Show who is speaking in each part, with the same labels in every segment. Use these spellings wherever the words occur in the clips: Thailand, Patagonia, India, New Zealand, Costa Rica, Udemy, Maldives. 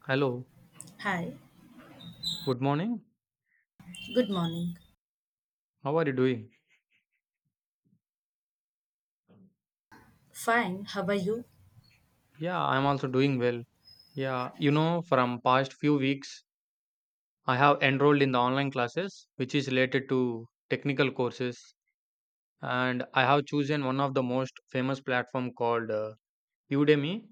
Speaker 1: Hello,
Speaker 2: Hi,
Speaker 1: good morning.
Speaker 2: good morning.
Speaker 1: How are you doing?
Speaker 2: Fine, how are you?
Speaker 1: Yeah, I'm also doing well. Yeah, you know, from past few weeks, I have enrolled in the online classes, which is related to technical courses, and I have chosen one of the most famous platform called Udemy.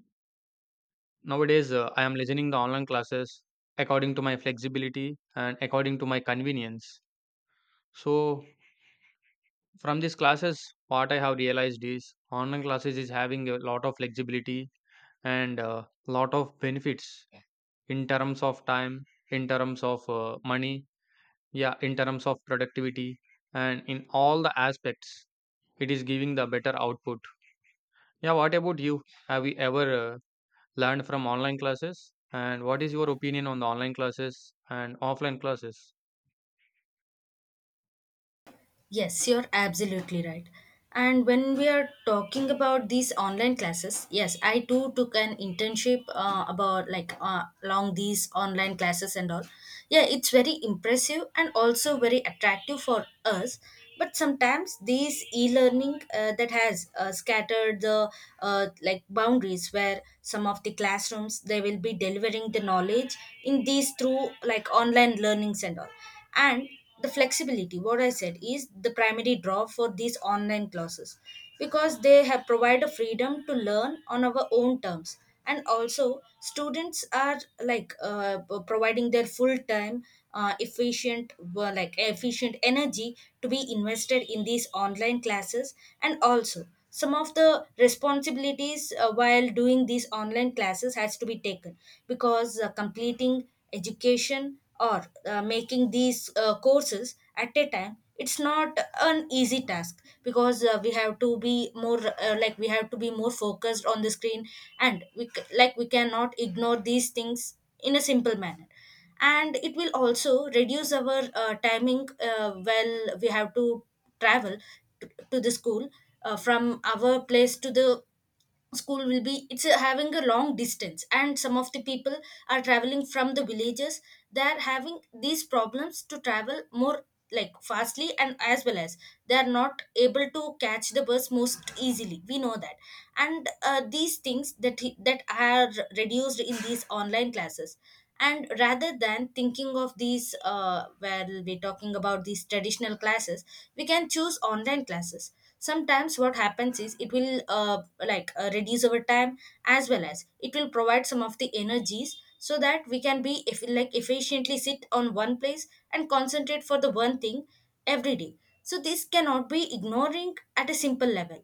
Speaker 1: Nowadays, I am listening the online classes according to my flexibility and according to my convenience. So, from these classes, what I have realized is online classes is having a lot of flexibility and a lot of benefits in terms of time, in terms of money, yeah, in terms of productivity, and in all the aspects it is giving the better output. Yeah, what about you? Have you ever uh, learned from online classes, and what is your opinion on the online classes and offline classes?
Speaker 2: Yes, you're absolutely right. And when we are talking about these online classes, yes, I too took an internship about along these online classes and all. Yeah, it's very impressive and also very attractive for us. But sometimes these e-learning that has scattered the like boundaries where some of the classrooms they will be delivering the knowledge in these through like online learnings and all, and the flexibility what I said is the primary draw for these online classes because they have provide a freedom to learn on our own terms, and also students are like providing their full time efficient like efficient energy to be invested in these online classes. And also some of the responsibilities while doing these online classes has to be taken because completing education or making these courses at a time, it's not an easy task because we have to be more like we have to be more focused on the screen, and like we cannot ignore these things in a simple manner. And it will also reduce our timing. Uh, well we have to travel to the school from our place to the school will be it's having a long distance, and some of the people are traveling from the villages. They are having these problems to travel more like fastly, and as well as they are not able to catch the bus most easily, we know that. And these things that are reduced in these online classes. And rather than thinking of these where we're talking about these traditional classes, we can choose online classes. Sometimes what happens is it will reduce our time, as well as it will provide some of the energies so that we can be if like efficiently sit on one place and concentrate for the one thing every day. So this cannot be ignoring at a simple level.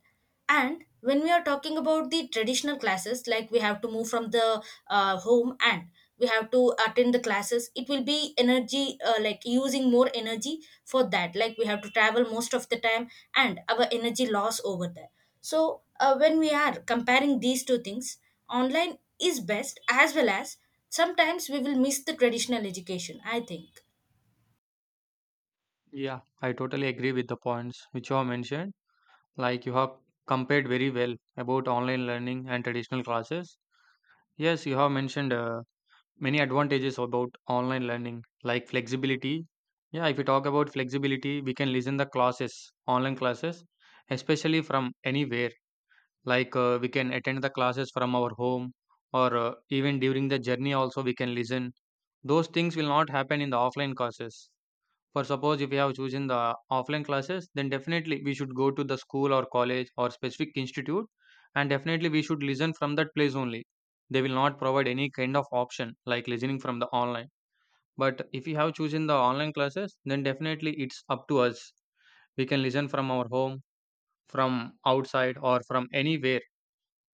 Speaker 2: And when we are talking about the traditional classes, like we have to move from the home, and we have to attend the classes. It will be energy, like using more energy for that. Like we have to travel most of the time, and our energy loss over there. So when we are comparing these two things, online is best, as well as sometimes we will miss the traditional education, I think.
Speaker 1: Yeah, I totally agree with the points which you have mentioned. Like, you have compared very well about online learning and traditional classes. Yes, you have mentioned many advantages about online learning, like flexibility. Yeah, if we talk about flexibility, we can listen the classes, online classes, especially from anywhere. Like, we can attend the classes from our home, or even during the journey also we can listen. Those things will not happen in the offline classes. For suppose, if you have chosen the offline classes, then definitely we should go to the school or college or specific institute, and definitely we should listen from that place only. They will not provide any kind of option like listening from the online. But if you have chosen the online classes, then definitely it's up to us. We can listen from our home, from outside, or from anywhere.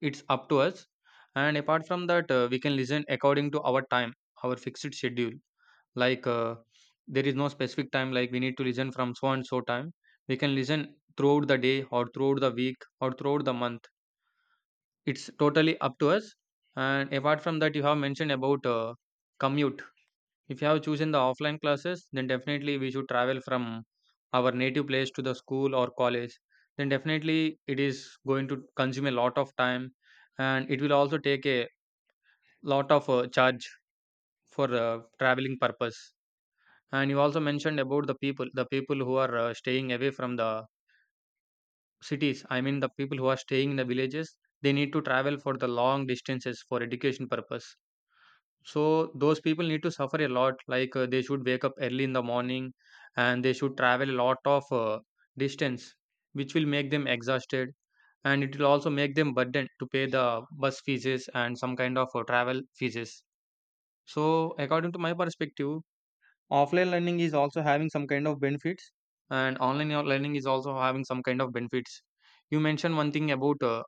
Speaker 1: It's up to us. And apart from that, we can listen according to our time, our fixed schedule, like, there is no specific time like we need to listen from so and so time. We can listen throughout the day or throughout the week or throughout the month. It's totally up to us. And apart from that, you have mentioned about commute. If you have chosen the offline classes, then definitely we should travel from our native place to the school or college. Then definitely it is going to consume a lot of time, and it will also take a lot of charge for traveling purpose. And you also mentioned about the people who are staying away from the cities. I mean, the people who are staying in the villages, they need to travel for the long distances for education purpose. So those people need to suffer a lot. Like, they should wake up early in the morning, and they should travel a lot of distance, which will make them exhausted, and it will also make them burdened to pay the bus fees and some kind of travel fees. So according to my perspective, offline learning is also having some kind of benefits, and learning is also having some kind of benefits. You mentioned one thing about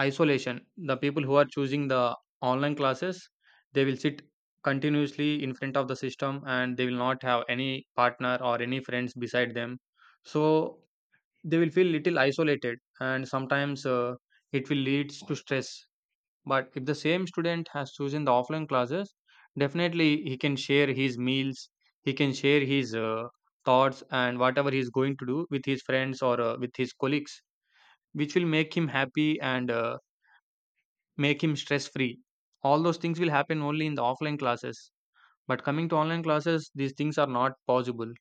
Speaker 1: isolation. The people who are choosing the online classes, they will sit continuously in front of the system, and they will not have any partner or any friends beside them. So they will feel little isolated, and sometimes it will lead to stress. But if the same student has chosen the offline classes, definitely he can share his meals, he can share his thoughts and whatever he's going to do with his friends or with his colleagues, which will make him happy and make him stress free. All those things will happen only in the offline classes. But coming to online classes, these things are not possible.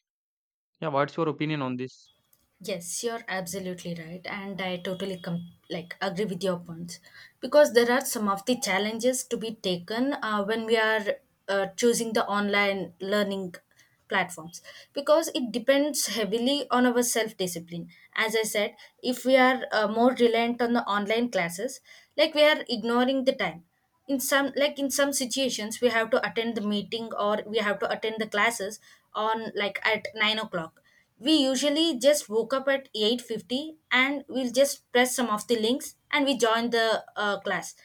Speaker 1: Yeah, what's your opinion on this?
Speaker 2: Yes, you're absolutely right, and I totally like agree with your points because there are some of the challenges to be taken when we are choosing the online learning platforms because it depends heavily on our self discipline. As I said, if we are more reliant on the online classes, like we are ignoring the time. In some situations we have to attend the meeting or we have to attend the classes on like at 9 o'clock. We usually just woke up at 8:50 and we'll just press some of the links and we join the class,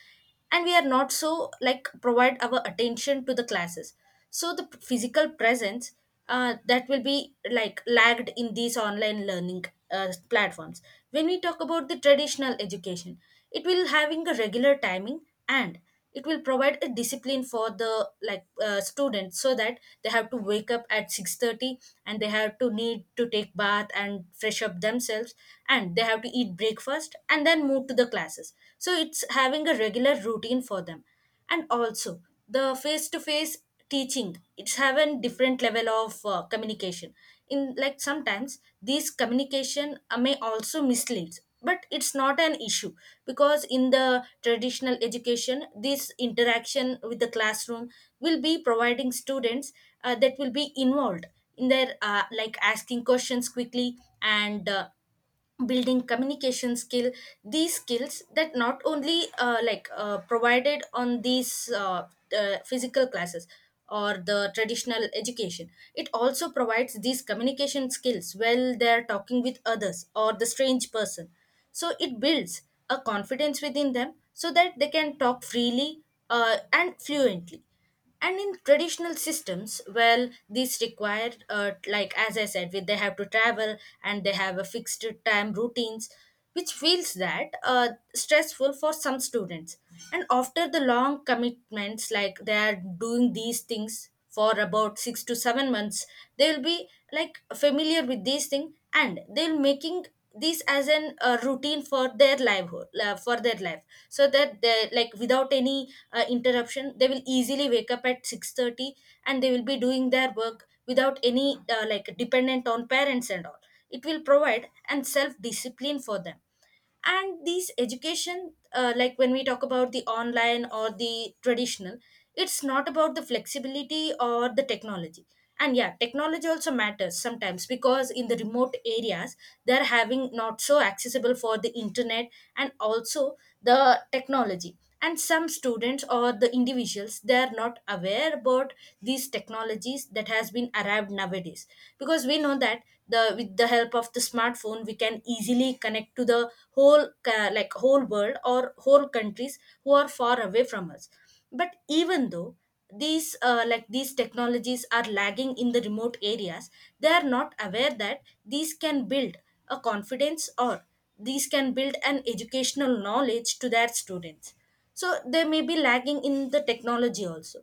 Speaker 2: and we are not so like provide our attention to the classes. So the physical presence that will be like lagged in these online learning platforms. When we talk about the traditional education, it will having a regular timing, and it will provide a discipline for the students so that they have to wake up at 6:30, and they have to need to take bath and fresh up themselves, and they have to eat breakfast and then move to the classes. So it's having a regular routine for them. And also the face to face teaching, it's having different level of communication. In like sometimes this communication may also mislead, but it's not an issue because in the traditional education this interaction with the classroom will be providing students that will be involved in their like asking questions quickly, and building communication skill. These skills that not only provided on these physical classes or the traditional education, it also provides these communication skills while they're talking with others or the strange person. So it builds a confidence within them so that they can talk freely and fluently. And in traditional systems, well these require like as I said they have to travel, and they have a fixed time routines which feels that stressful for some students. And after the long commitments, like they are doing these things for about 6 to 7 months, they'll be like familiar with these things, and they'll making this as an routine for their livelihood for their life. So that they like without any interruption they will easily wake up at 6:30, and they will be doing their work without any like dependent on parents and all. It will provide and self discipline for them. And these education like when we talk about the online or the traditional, it's not about the flexibility or the technology. And yeah technology also matters sometimes because in the remote areas they're having not so accessible for the internet. And also the technology and some students or the individuals, they are not aware about these technologies that has been arrived nowadays. Because we know that the with the help of the smartphone we can easily connect to the whole like whole world or whole countries who are far away from us. But even though these like these technologies are lagging in the remote areas, they are not aware that these can build a confidence, or these can build an educational knowledge to their students. So they may be lagging in the technology also.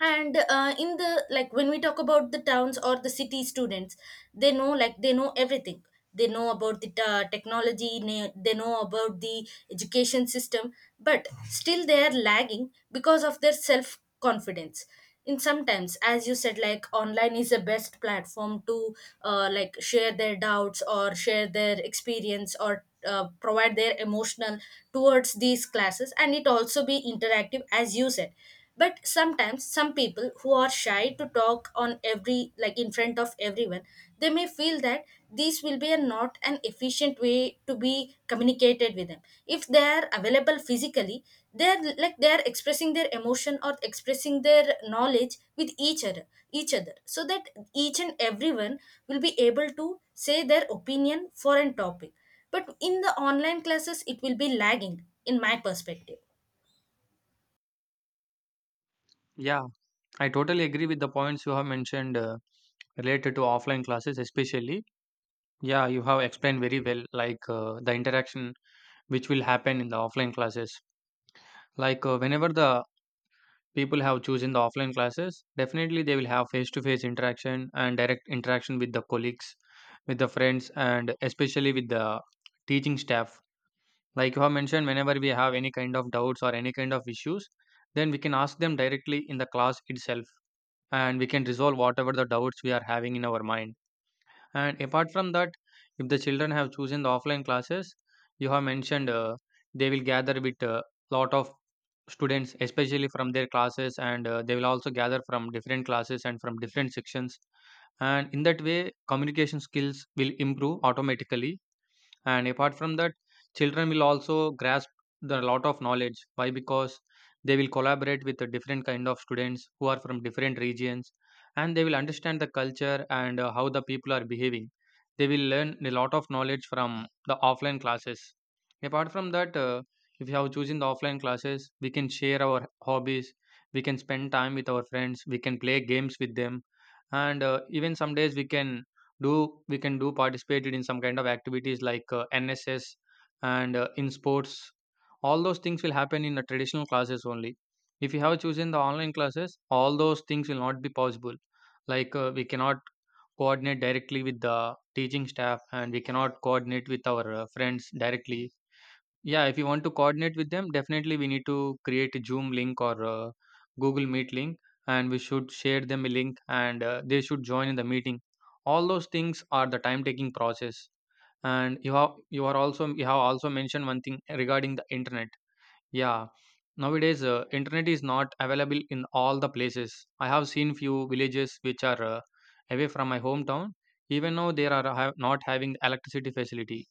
Speaker 2: And in the like when we talk about the towns or the city students, they know like they know everything. They know about the technology they know about the education system, but still they are lagging because of their self confidence. In sometimes, as you said, like online is the best platform to like share their doubts or share their experience, or provide their emotional towards these classes, and it also be interactive, as you said. But sometimes some people who are shy to talk on every like in front of everyone, they may feel that this will be a not an efficient way to be communicated with them. If they are available physically, they're like they're expressing their emotion or expressing their knowledge with each other so that each and everyone will be able to say their opinion for an topic. But in the online classes, it will be lagging, in my perspective.
Speaker 1: Yeah, I totally agree with the points you have mentioned related to offline classes, especially. Yeah, you have explained very well, like, the interaction which will happen in the offline classes. Like, whenever the people have chosen the offline classes, definitely they will have face-to-face interaction and direct interaction with the colleagues, with the friends, and especially with the teaching staff. Like you have mentioned, whenever we have any kind of doubts or any kind of issues, then we can ask them directly in the class itself, and we can resolve whatever the doubts we are having in our mind. And apart from that, if the children have chosen the offline classes, you have mentioned they will gather with a lot of students, especially from their classes, and they will also gather from different classes and from different sections. And in that way, communication skills will improve automatically. And apart from that, children will also grasp the lot of knowledge. Why? Because they will collaborate with the different kind of students who are from different regions, and they will understand the culture and how the people are behaving. They will learn a lot of knowledge from the offline classes. Apart from that, if you have chosen the offline classes, we can share our hobbies. We can spend time with our friends. We can play games with them, and even some days do we can do participated in some kind of activities like, nss, and in sports. All those things will happen in the traditional classes only. If you have chosen the online classes, all those things will not be possible. Like, we cannot coordinate directly with the teaching staff, and we cannot coordinate with our friends directly. Yeah, if you want to coordinate with them, definitely we need to create a Zoom link or a Google Meet link, and we should share them a link, and they should join in the meeting. All those things are the time-taking process. And you have also mentioned one thing regarding the internet. Yeah, nowadays internet is not available in all the places. I have seen few villages which are away from my hometown. Even now they are have not having electricity facility.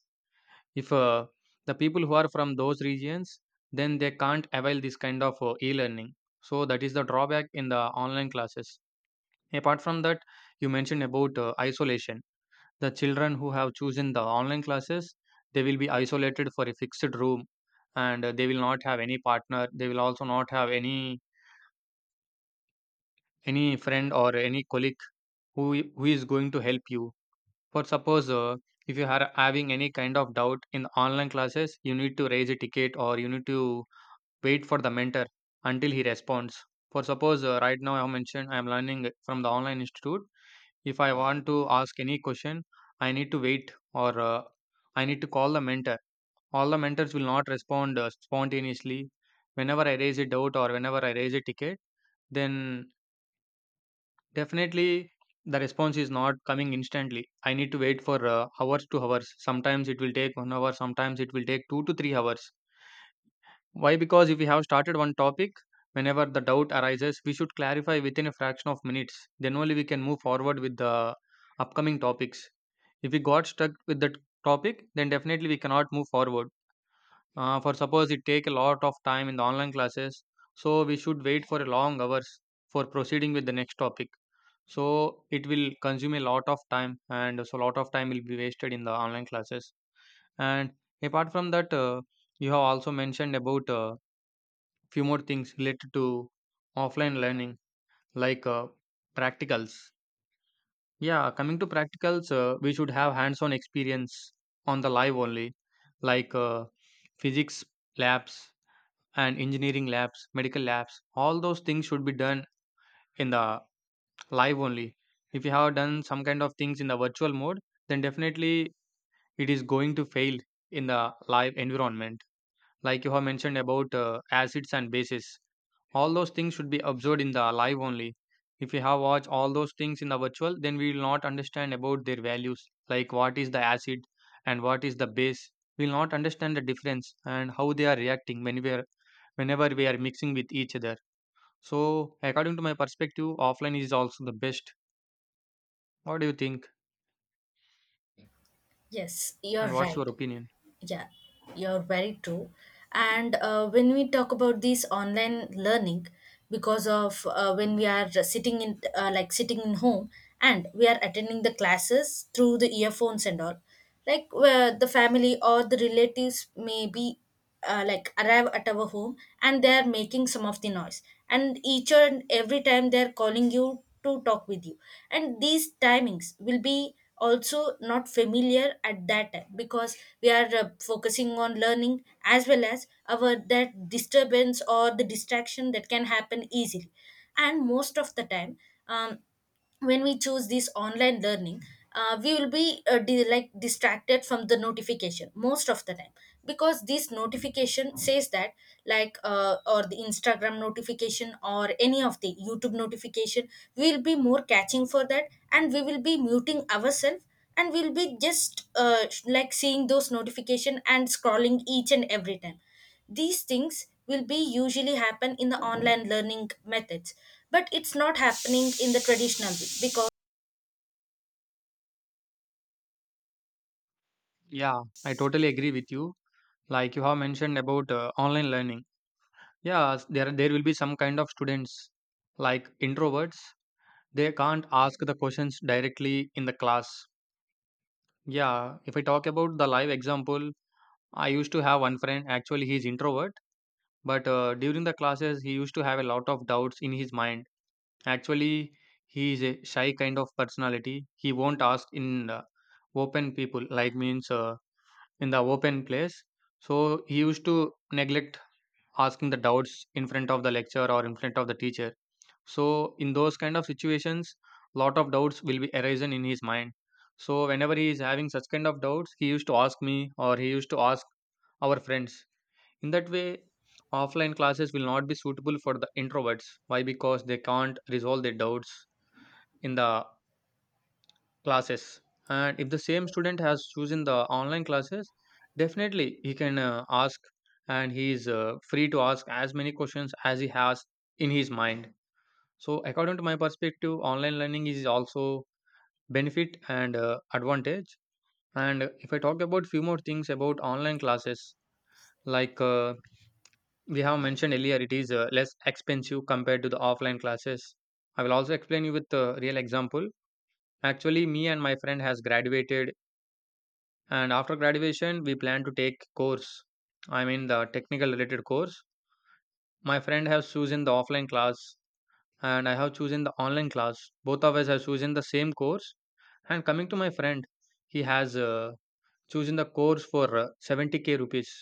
Speaker 1: If the people who are from those regions, then they can't avail this kind of e-learning. So that is the drawback in the online classes. Apart from that, you mentioned about isolation. The children who have chosen the online classes, they will be isolated for a fixed room, and they will not have any partner. They will also not have any friend or any colleague who who is going to help you. For suppose, if you are having any kind of doubt in online classes, you need to raise a ticket, or you need to wait for the mentor until he responds. For suppose, right now I have mentioned I am learning from the online institute. If I want to ask any question, I need to wait, or I need to call the mentor. All the mentors will not respond spontaneously. Whenever I raise a doubt or whenever I raise a ticket, then definitely the response is not coming instantly. I need to wait for hours to hours. Sometimes it will take 1 hour, sometimes it will take 2 to 3 hours. Why? Because if we have started one topic, whenever the doubt arises, we should clarify within a fraction of minutes. Then only we can move forward with the upcoming topics. If we got stuck with that topic, then definitely we cannot move forward. For suppose it take a lot of time in the online classes, so we should wait for a long hours for proceeding with the next topic. So it will consume a lot of time, and so a lot of time will be wasted in the online classes. And apart from that, you have also mentioned about. Few more things related to offline learning, like practicals. Yeah, coming to practicals, we should have hands on experience on the live only, like physics labs and engineering labs, medical labs, all those things should be done in the live only. If you have done some kind of things in the virtual mode, then definitely it is going to fail in the live environment. Like you have mentioned about acids and bases, all those things should be observed in the live only. If we have watched all those things in the virtual, then we will not understand about their values, like what is the acid and what is the base. We will not understand the difference and how they are reacting when we are, whenever we are mixing with each other. So according to my perspective, offline is also the best. What do you think?
Speaker 2: Yes,
Speaker 1: And
Speaker 2: you're
Speaker 1: what's your
Speaker 2: right.
Speaker 1: opinion?
Speaker 2: Yeah, you're very true. And when we talk about this online learning, because of when we are sitting in like sitting in home, and we are attending the classes through the earphones and all, like where the family or the relatives may be like arrive at our home, and they are making some of the noise, and each and every time they are calling you to talk with you. And these timings will be also not familiar at that time because we are focusing on learning, as well as our that disturbance or the distraction that can happen easily. And most of the time um, when we choose this online learning we will be like distracted from the notification most of the time because this notification says that or the Instagram notification or any of the YouTube notification. We will be more catching for that, and we will be muting ourselves, and we'll be just like seeing those notification and scrolling each and every time. These things will be usually happen in the online learning methods, but it's not happening in the traditional way because
Speaker 1: Yeah, I totally agree with you. Like you have mentioned about online learning, yeah, there will be some kind of students, like introverts. They can't ask the questions directly in the class. Yeah, if I talk about the live example, I used to have one friend. Actually, he's introvert, but during the classes, he used to have a lot of doubts in his mind. Actually, he is a shy kind of personality. He won't ask in open people, like, means, in the open place. So he used to neglect asking the doubts in front of the lecturer or in front of the teacher. So in those kind of situations, lot of doubts will be arisen in his mind. So whenever he is having such kind of doubts, he used to ask me or he used to ask our friends. In that way, offline classes will not be suitable for the introverts. Why? Because they can't resolve their doubts in the classes. And if the same
Speaker 2: yes.
Speaker 1: student has chosen the online classes, definitely he can ask, and he is free to ask as many questions as he has in his mind. So according to my perspective, online learning is also benefit and advantage. And if I talk about few more things about online classes, like we have mentioned earlier, it is less expensive compared to the offline classes. I will also explain you with a real example. Actually, me and my friend has graduated, and after graduation we plan to take course, I mean the technical related course. My friend has chosen the offline class and I have chosen the online class. Both of us have chosen the same course. And coming to my friend, he has chosen the course for 70k rupees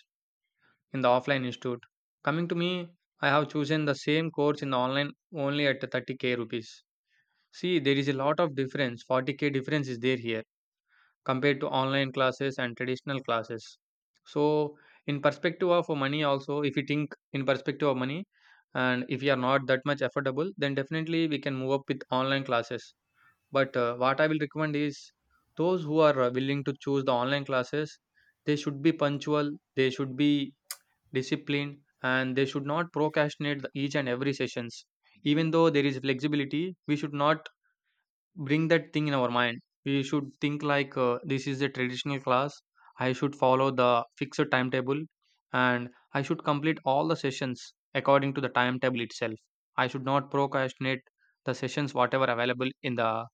Speaker 1: in the offline institute. Coming to me, I have chosen the same course in the online only at 30k rupees. See, there is a lot of difference. 40k difference is there here, compared to online classes and traditional classes. So in perspective of money, also if you think in perspective of money, and if you are not that much affordable, then definitely we can move up with online classes. But what I will recommend is, those who are willing to choose the online classes, they should be punctual, they should be disciplined, and they should not procrastinate each and every sessions. Even though there is flexibility, we should not bring that thing in our mind. We should think like, this is a traditional class. I should follow the fixed timetable and I should complete all the sessions according to the timetable itself. I should not procrastinate the sessions whatever available in the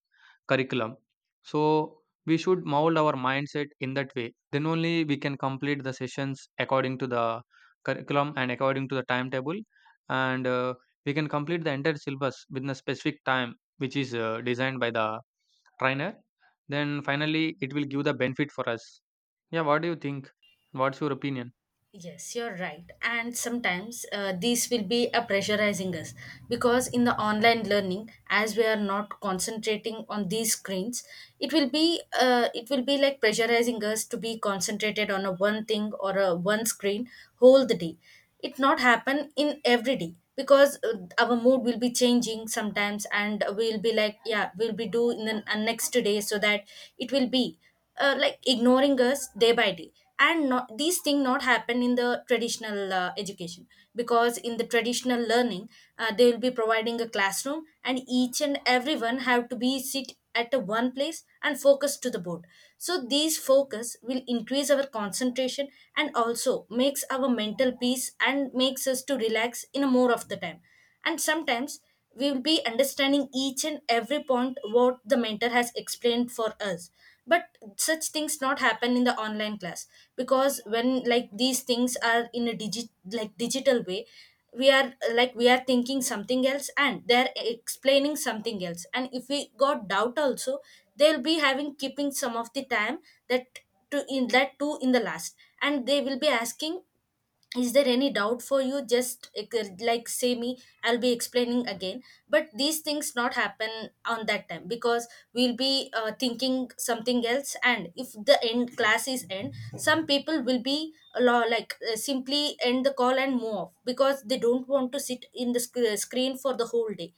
Speaker 1: curriculum. So we should mold our mindset in that way. Then only we can complete the sessions according to the curriculum and according to the timetable, and we can complete the entire syllabus within a specific time, which is designed by the trainer. Then finally, it will give the benefit for us. Yeah, what do you think? What's your opinion?
Speaker 2: Yes, you're right. And sometimes these will be a pressurizing us because in the online learning, as we are not concentrating on these screens, it will be like pressurizing us to be concentrated on a one thing or a one screen whole the day. It not happen in every day because our mood will be changing sometimes, and we'll be like, yeah, we'll be doing the next day so that it will be like ignoring us day by day. And not, these things not happen in the traditional education, because in the traditional learning they will be providing a classroom and each and everyone have to be sit at a one place and focus to the board. So these focus will increase our concentration and also makes our mental peace and makes us to relax in a more of the time. And sometimes we will be understanding each and every point what the mentor has explained for us, but such things not happen in the online class, because when like these things are in a digital way, we are like we are thinking something else and they're explaining something else, and if we got doubt also, they'll be having keeping some of the time, that to in that too in the last. And they will be asking, is there any doubt for you, just say me, I'll be explaining again. But these things not happen on that time because we'll be thinking something else, and if the end class is end, some people will be simply end the call and move off because they don't want to sit in the screen for the whole day.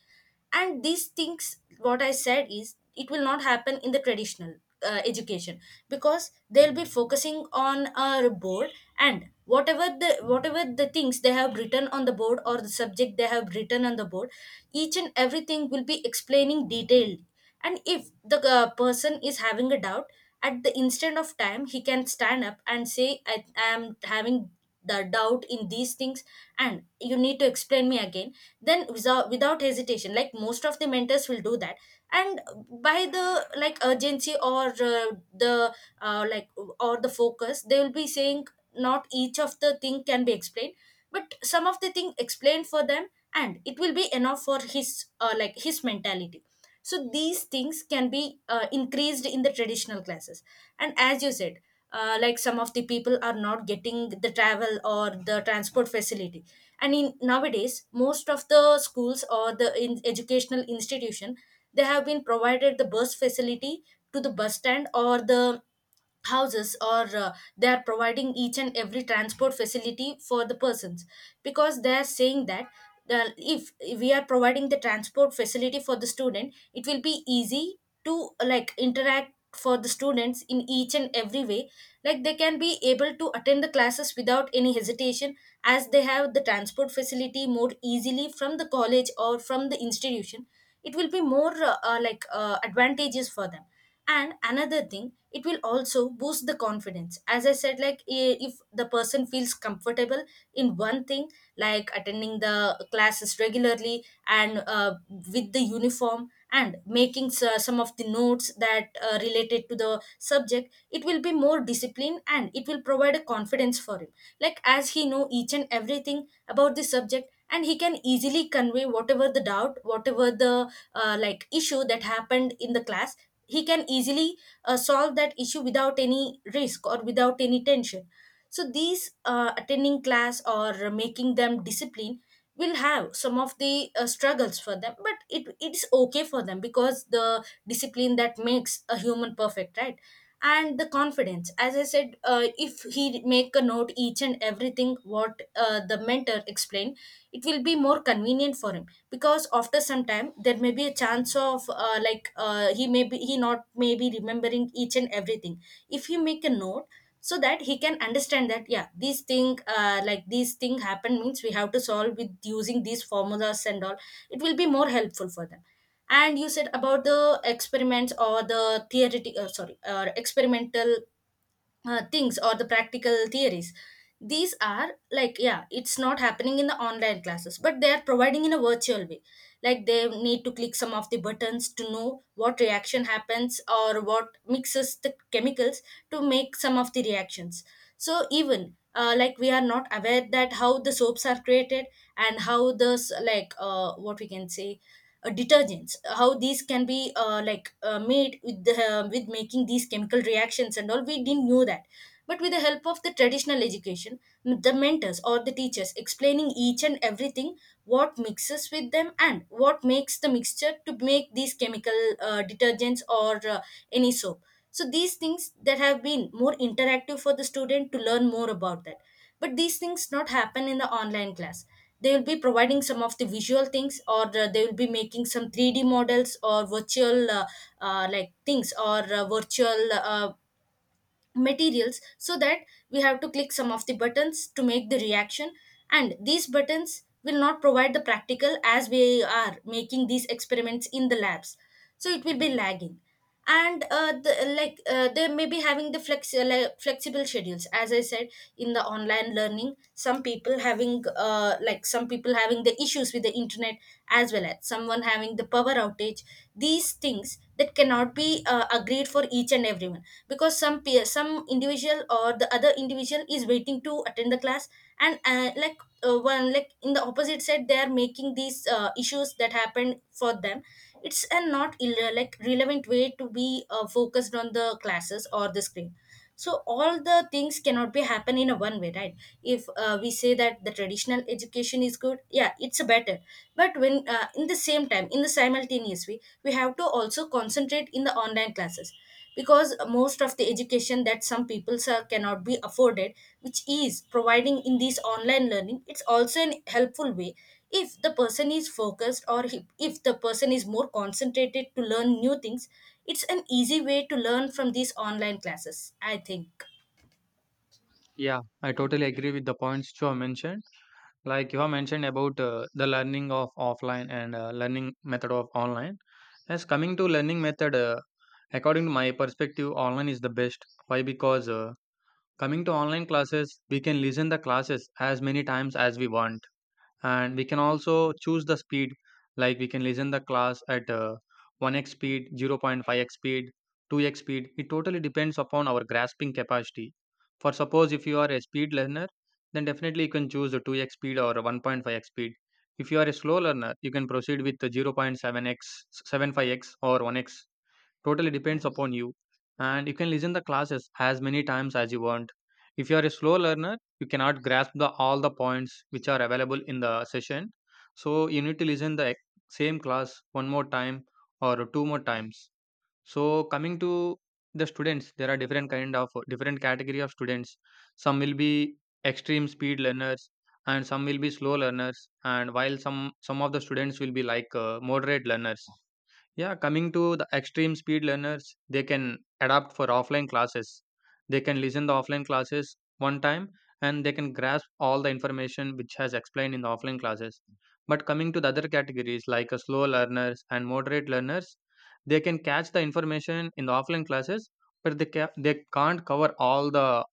Speaker 2: And these things what I said is, it will not happen in the traditional education, because they'll be focusing on a board, and whatever the things they have written on the board or the subject they have written on the board, each and everything will be explaining detailed. And if the person is having a doubt, at the instant of time he can stand up and say, I am having the doubt in these things, and you need to explain me again. Then without hesitation, like most of the mentors will do that. And by the like urgency or the like or the focus, they will be saying not each of the thing can be explained, but some of the thing explained for them, and it will be enough for his like his mentality. So these things can be increased in the traditional classes. And as you said, like some of the people are not getting the travel or the transport facility, and in nowadays most of the schools or the in educational institution, they have been provided the bus facility to the bus stand or the houses, or they are providing each and every transport facility for the persons. Because they are saying that, if we are providing the transport facility for the student, it will be easy to like interact for the students in each and every way, like they can be able to attend the classes without any hesitation. As they have the transport facility more easily from the college or from the institution, it will be more like advantages for them. And another thing, it will also boost the confidence, as I said, like if the person feels comfortable in one thing, like attending the classes regularly and with the uniform and making some of the notes that related to the subject, it will be more disciplined and it will provide a confidence for him. Like as he know each and everything about the subject, and he can easily convey whatever the doubt, whatever the like issue that happened in the class, he can easily solve that issue without any risk or without any tension. So these attending class or making them discipline will have some of the struggles for them, but it's okay for them, because the discipline that makes a human perfect, right? And the confidence, as I said, if he make a note each and everything what the mentor explained, it will be more convenient for him, because after some time there may be a chance of he may be he not may be remembering each and everything. If he make a note, so that he can understand that, yeah, these thing happen means we have to solve with using these formulas and all, it will be more helpful for them. And you said about the experiments or the theoretical sorry or experimental things or the practical theories. These are like, yeah, it's not happening in the online classes, but they are providing in a virtual way, like they need to click some of the buttons to know what reaction happens or what mixes the chemicals to make some of the reactions. So even like we are not aware that how the soaps are created, and how the what we can say, detergents, how these can be made with the, with making these chemical reactions and all, we didn't know that. But with the help of the traditional education, the mentors or the teachers explaining each and everything, what mixes with them and what makes the mixture to make these chemical detergents or any soap. So these things that have been more interactive for the student to learn more about that, but these things not happen in the online class. They will be providing some of the visual things, or they will be making some 3D models or virtual like things, or virtual materials, so that we have to click some of the buttons to make the reaction. And these buttons will not provide the practical as we are making these experiments in the labs, so it will be lagging. And they may be having the flexible schedules, as I said. In the online learning, some people having the issues with the internet, as well as someone having the power outage. These things that cannot be agreed for each and everyone, because some individual or the other individual is waiting to attend the class. And like one like in the opposite side, they are making these issues that happened for them. It's a not relevant way to be focused on the classes or the screen. So all the things cannot be happen in a one way, right? If we say that the traditional education is good, yeah, it's better, but when in the same time, in the simultaneous way, we have to also concentrate in the online classes, because most of the education that some people, sir, cannot be afforded, which is providing in this online learning, it's also an helpful way. If the person is focused, or if the person is more concentrated to learn new things, it's an easy way to learn from these online classes, I think.
Speaker 1: Yeah, I totally agree with the points you have mentioned. Like you have mentioned about the learning of offline and learning method of online. As coming to learning method, according to my perspective, online is the best. Why? Because coming to online classes, we can listen the classes as many times as we want, and we can also choose the speed, like we can listen the class at 1x speed, 0.5x speed, 2x speed. It totally depends upon our grasping capacity. For suppose, if you are a speed learner, then definitely you can choose the 2x speed or 1.5x speed. If you are a slow learner, you can proceed with the 0.7x, seven x, 75 x or 1x. Totally depends upon you. And you can listen the classes as many times as you want. If you are a slow learner, you cannot grasp the all the points which are available in the session. So you need to listen the same class one more time or two more times. So coming to the students, there are different kind of different category of students. Some will be extreme speed learners and some will be slow learners, and while some of the students will be like, moderate learners. Yeah, coming to the extreme speed learners, they can adapt for offline classes. They can listen the offline classes one time and they can grasp all the information which has explained in the offline classes. But coming to the other categories like slow learners and moderate learners, they can catch the information in the offline classes, but they can't cover all the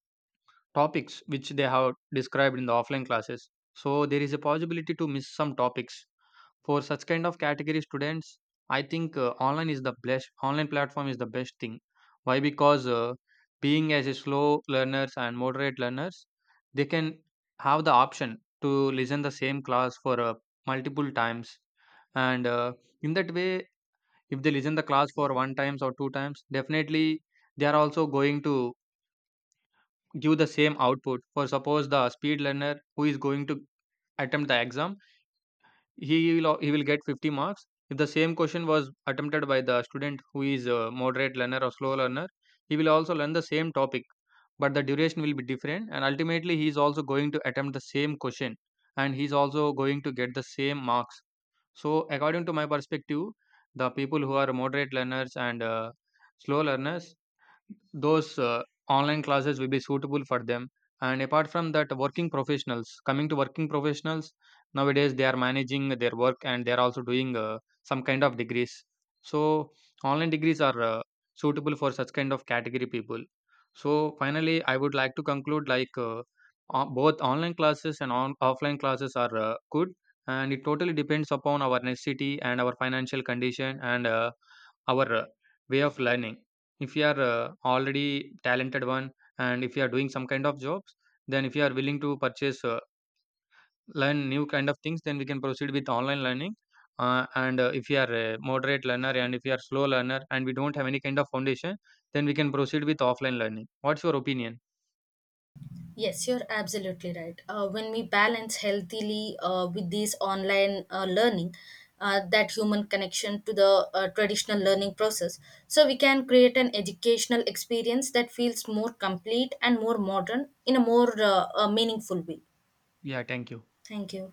Speaker 1: topics which they have described in the offline classes. So there is a possibility to miss some topics for such kind of category students. I think online is the best. Online platform is the best thing. Why? Because being as a slow learners and moderate learners, they can have the option to listen the same class for multiple times, and in that way, if they listen the class for one times or two times, definitely they are also going to give the same output. For suppose the speed learner who is going to attempt the exam, he will get 50 marks. If the same question was attempted by the student who is a moderate learner or slow learner, he will also learn the same topic, but the duration will be different, and ultimately he is also going to attempt the same question, and he is also going to get the same marks. So according to my perspective, the people who are moderate learners and slow learners, those online classes will be suitable for them. And apart from that, working professionals, coming to working professionals, nowadays they are managing their work and they are also doing some kind of degrees. So online degrees are suitable for such kind of category people. So finally, I would like to conclude, like, both online classes and offline classes are good, and it totally depends upon our necessity and our financial condition and our way of learning. If you are already talented one and if you are doing some kind of jobs, then if you are willing to purchase, learn new kind of things, then we can proceed with online learning. And if you are a moderate learner and if you are slow learner and we don't have any kind of foundation, then we can proceed with offline learning. What's your opinion?
Speaker 2: Yes, you're absolutely right. When we balance healthily with these online learning, that human connection to the traditional learning process, so we can create an educational experience that feels more complete and more modern in a more meaningful way.
Speaker 1: Yeah, thank you.
Speaker 2: Thank you.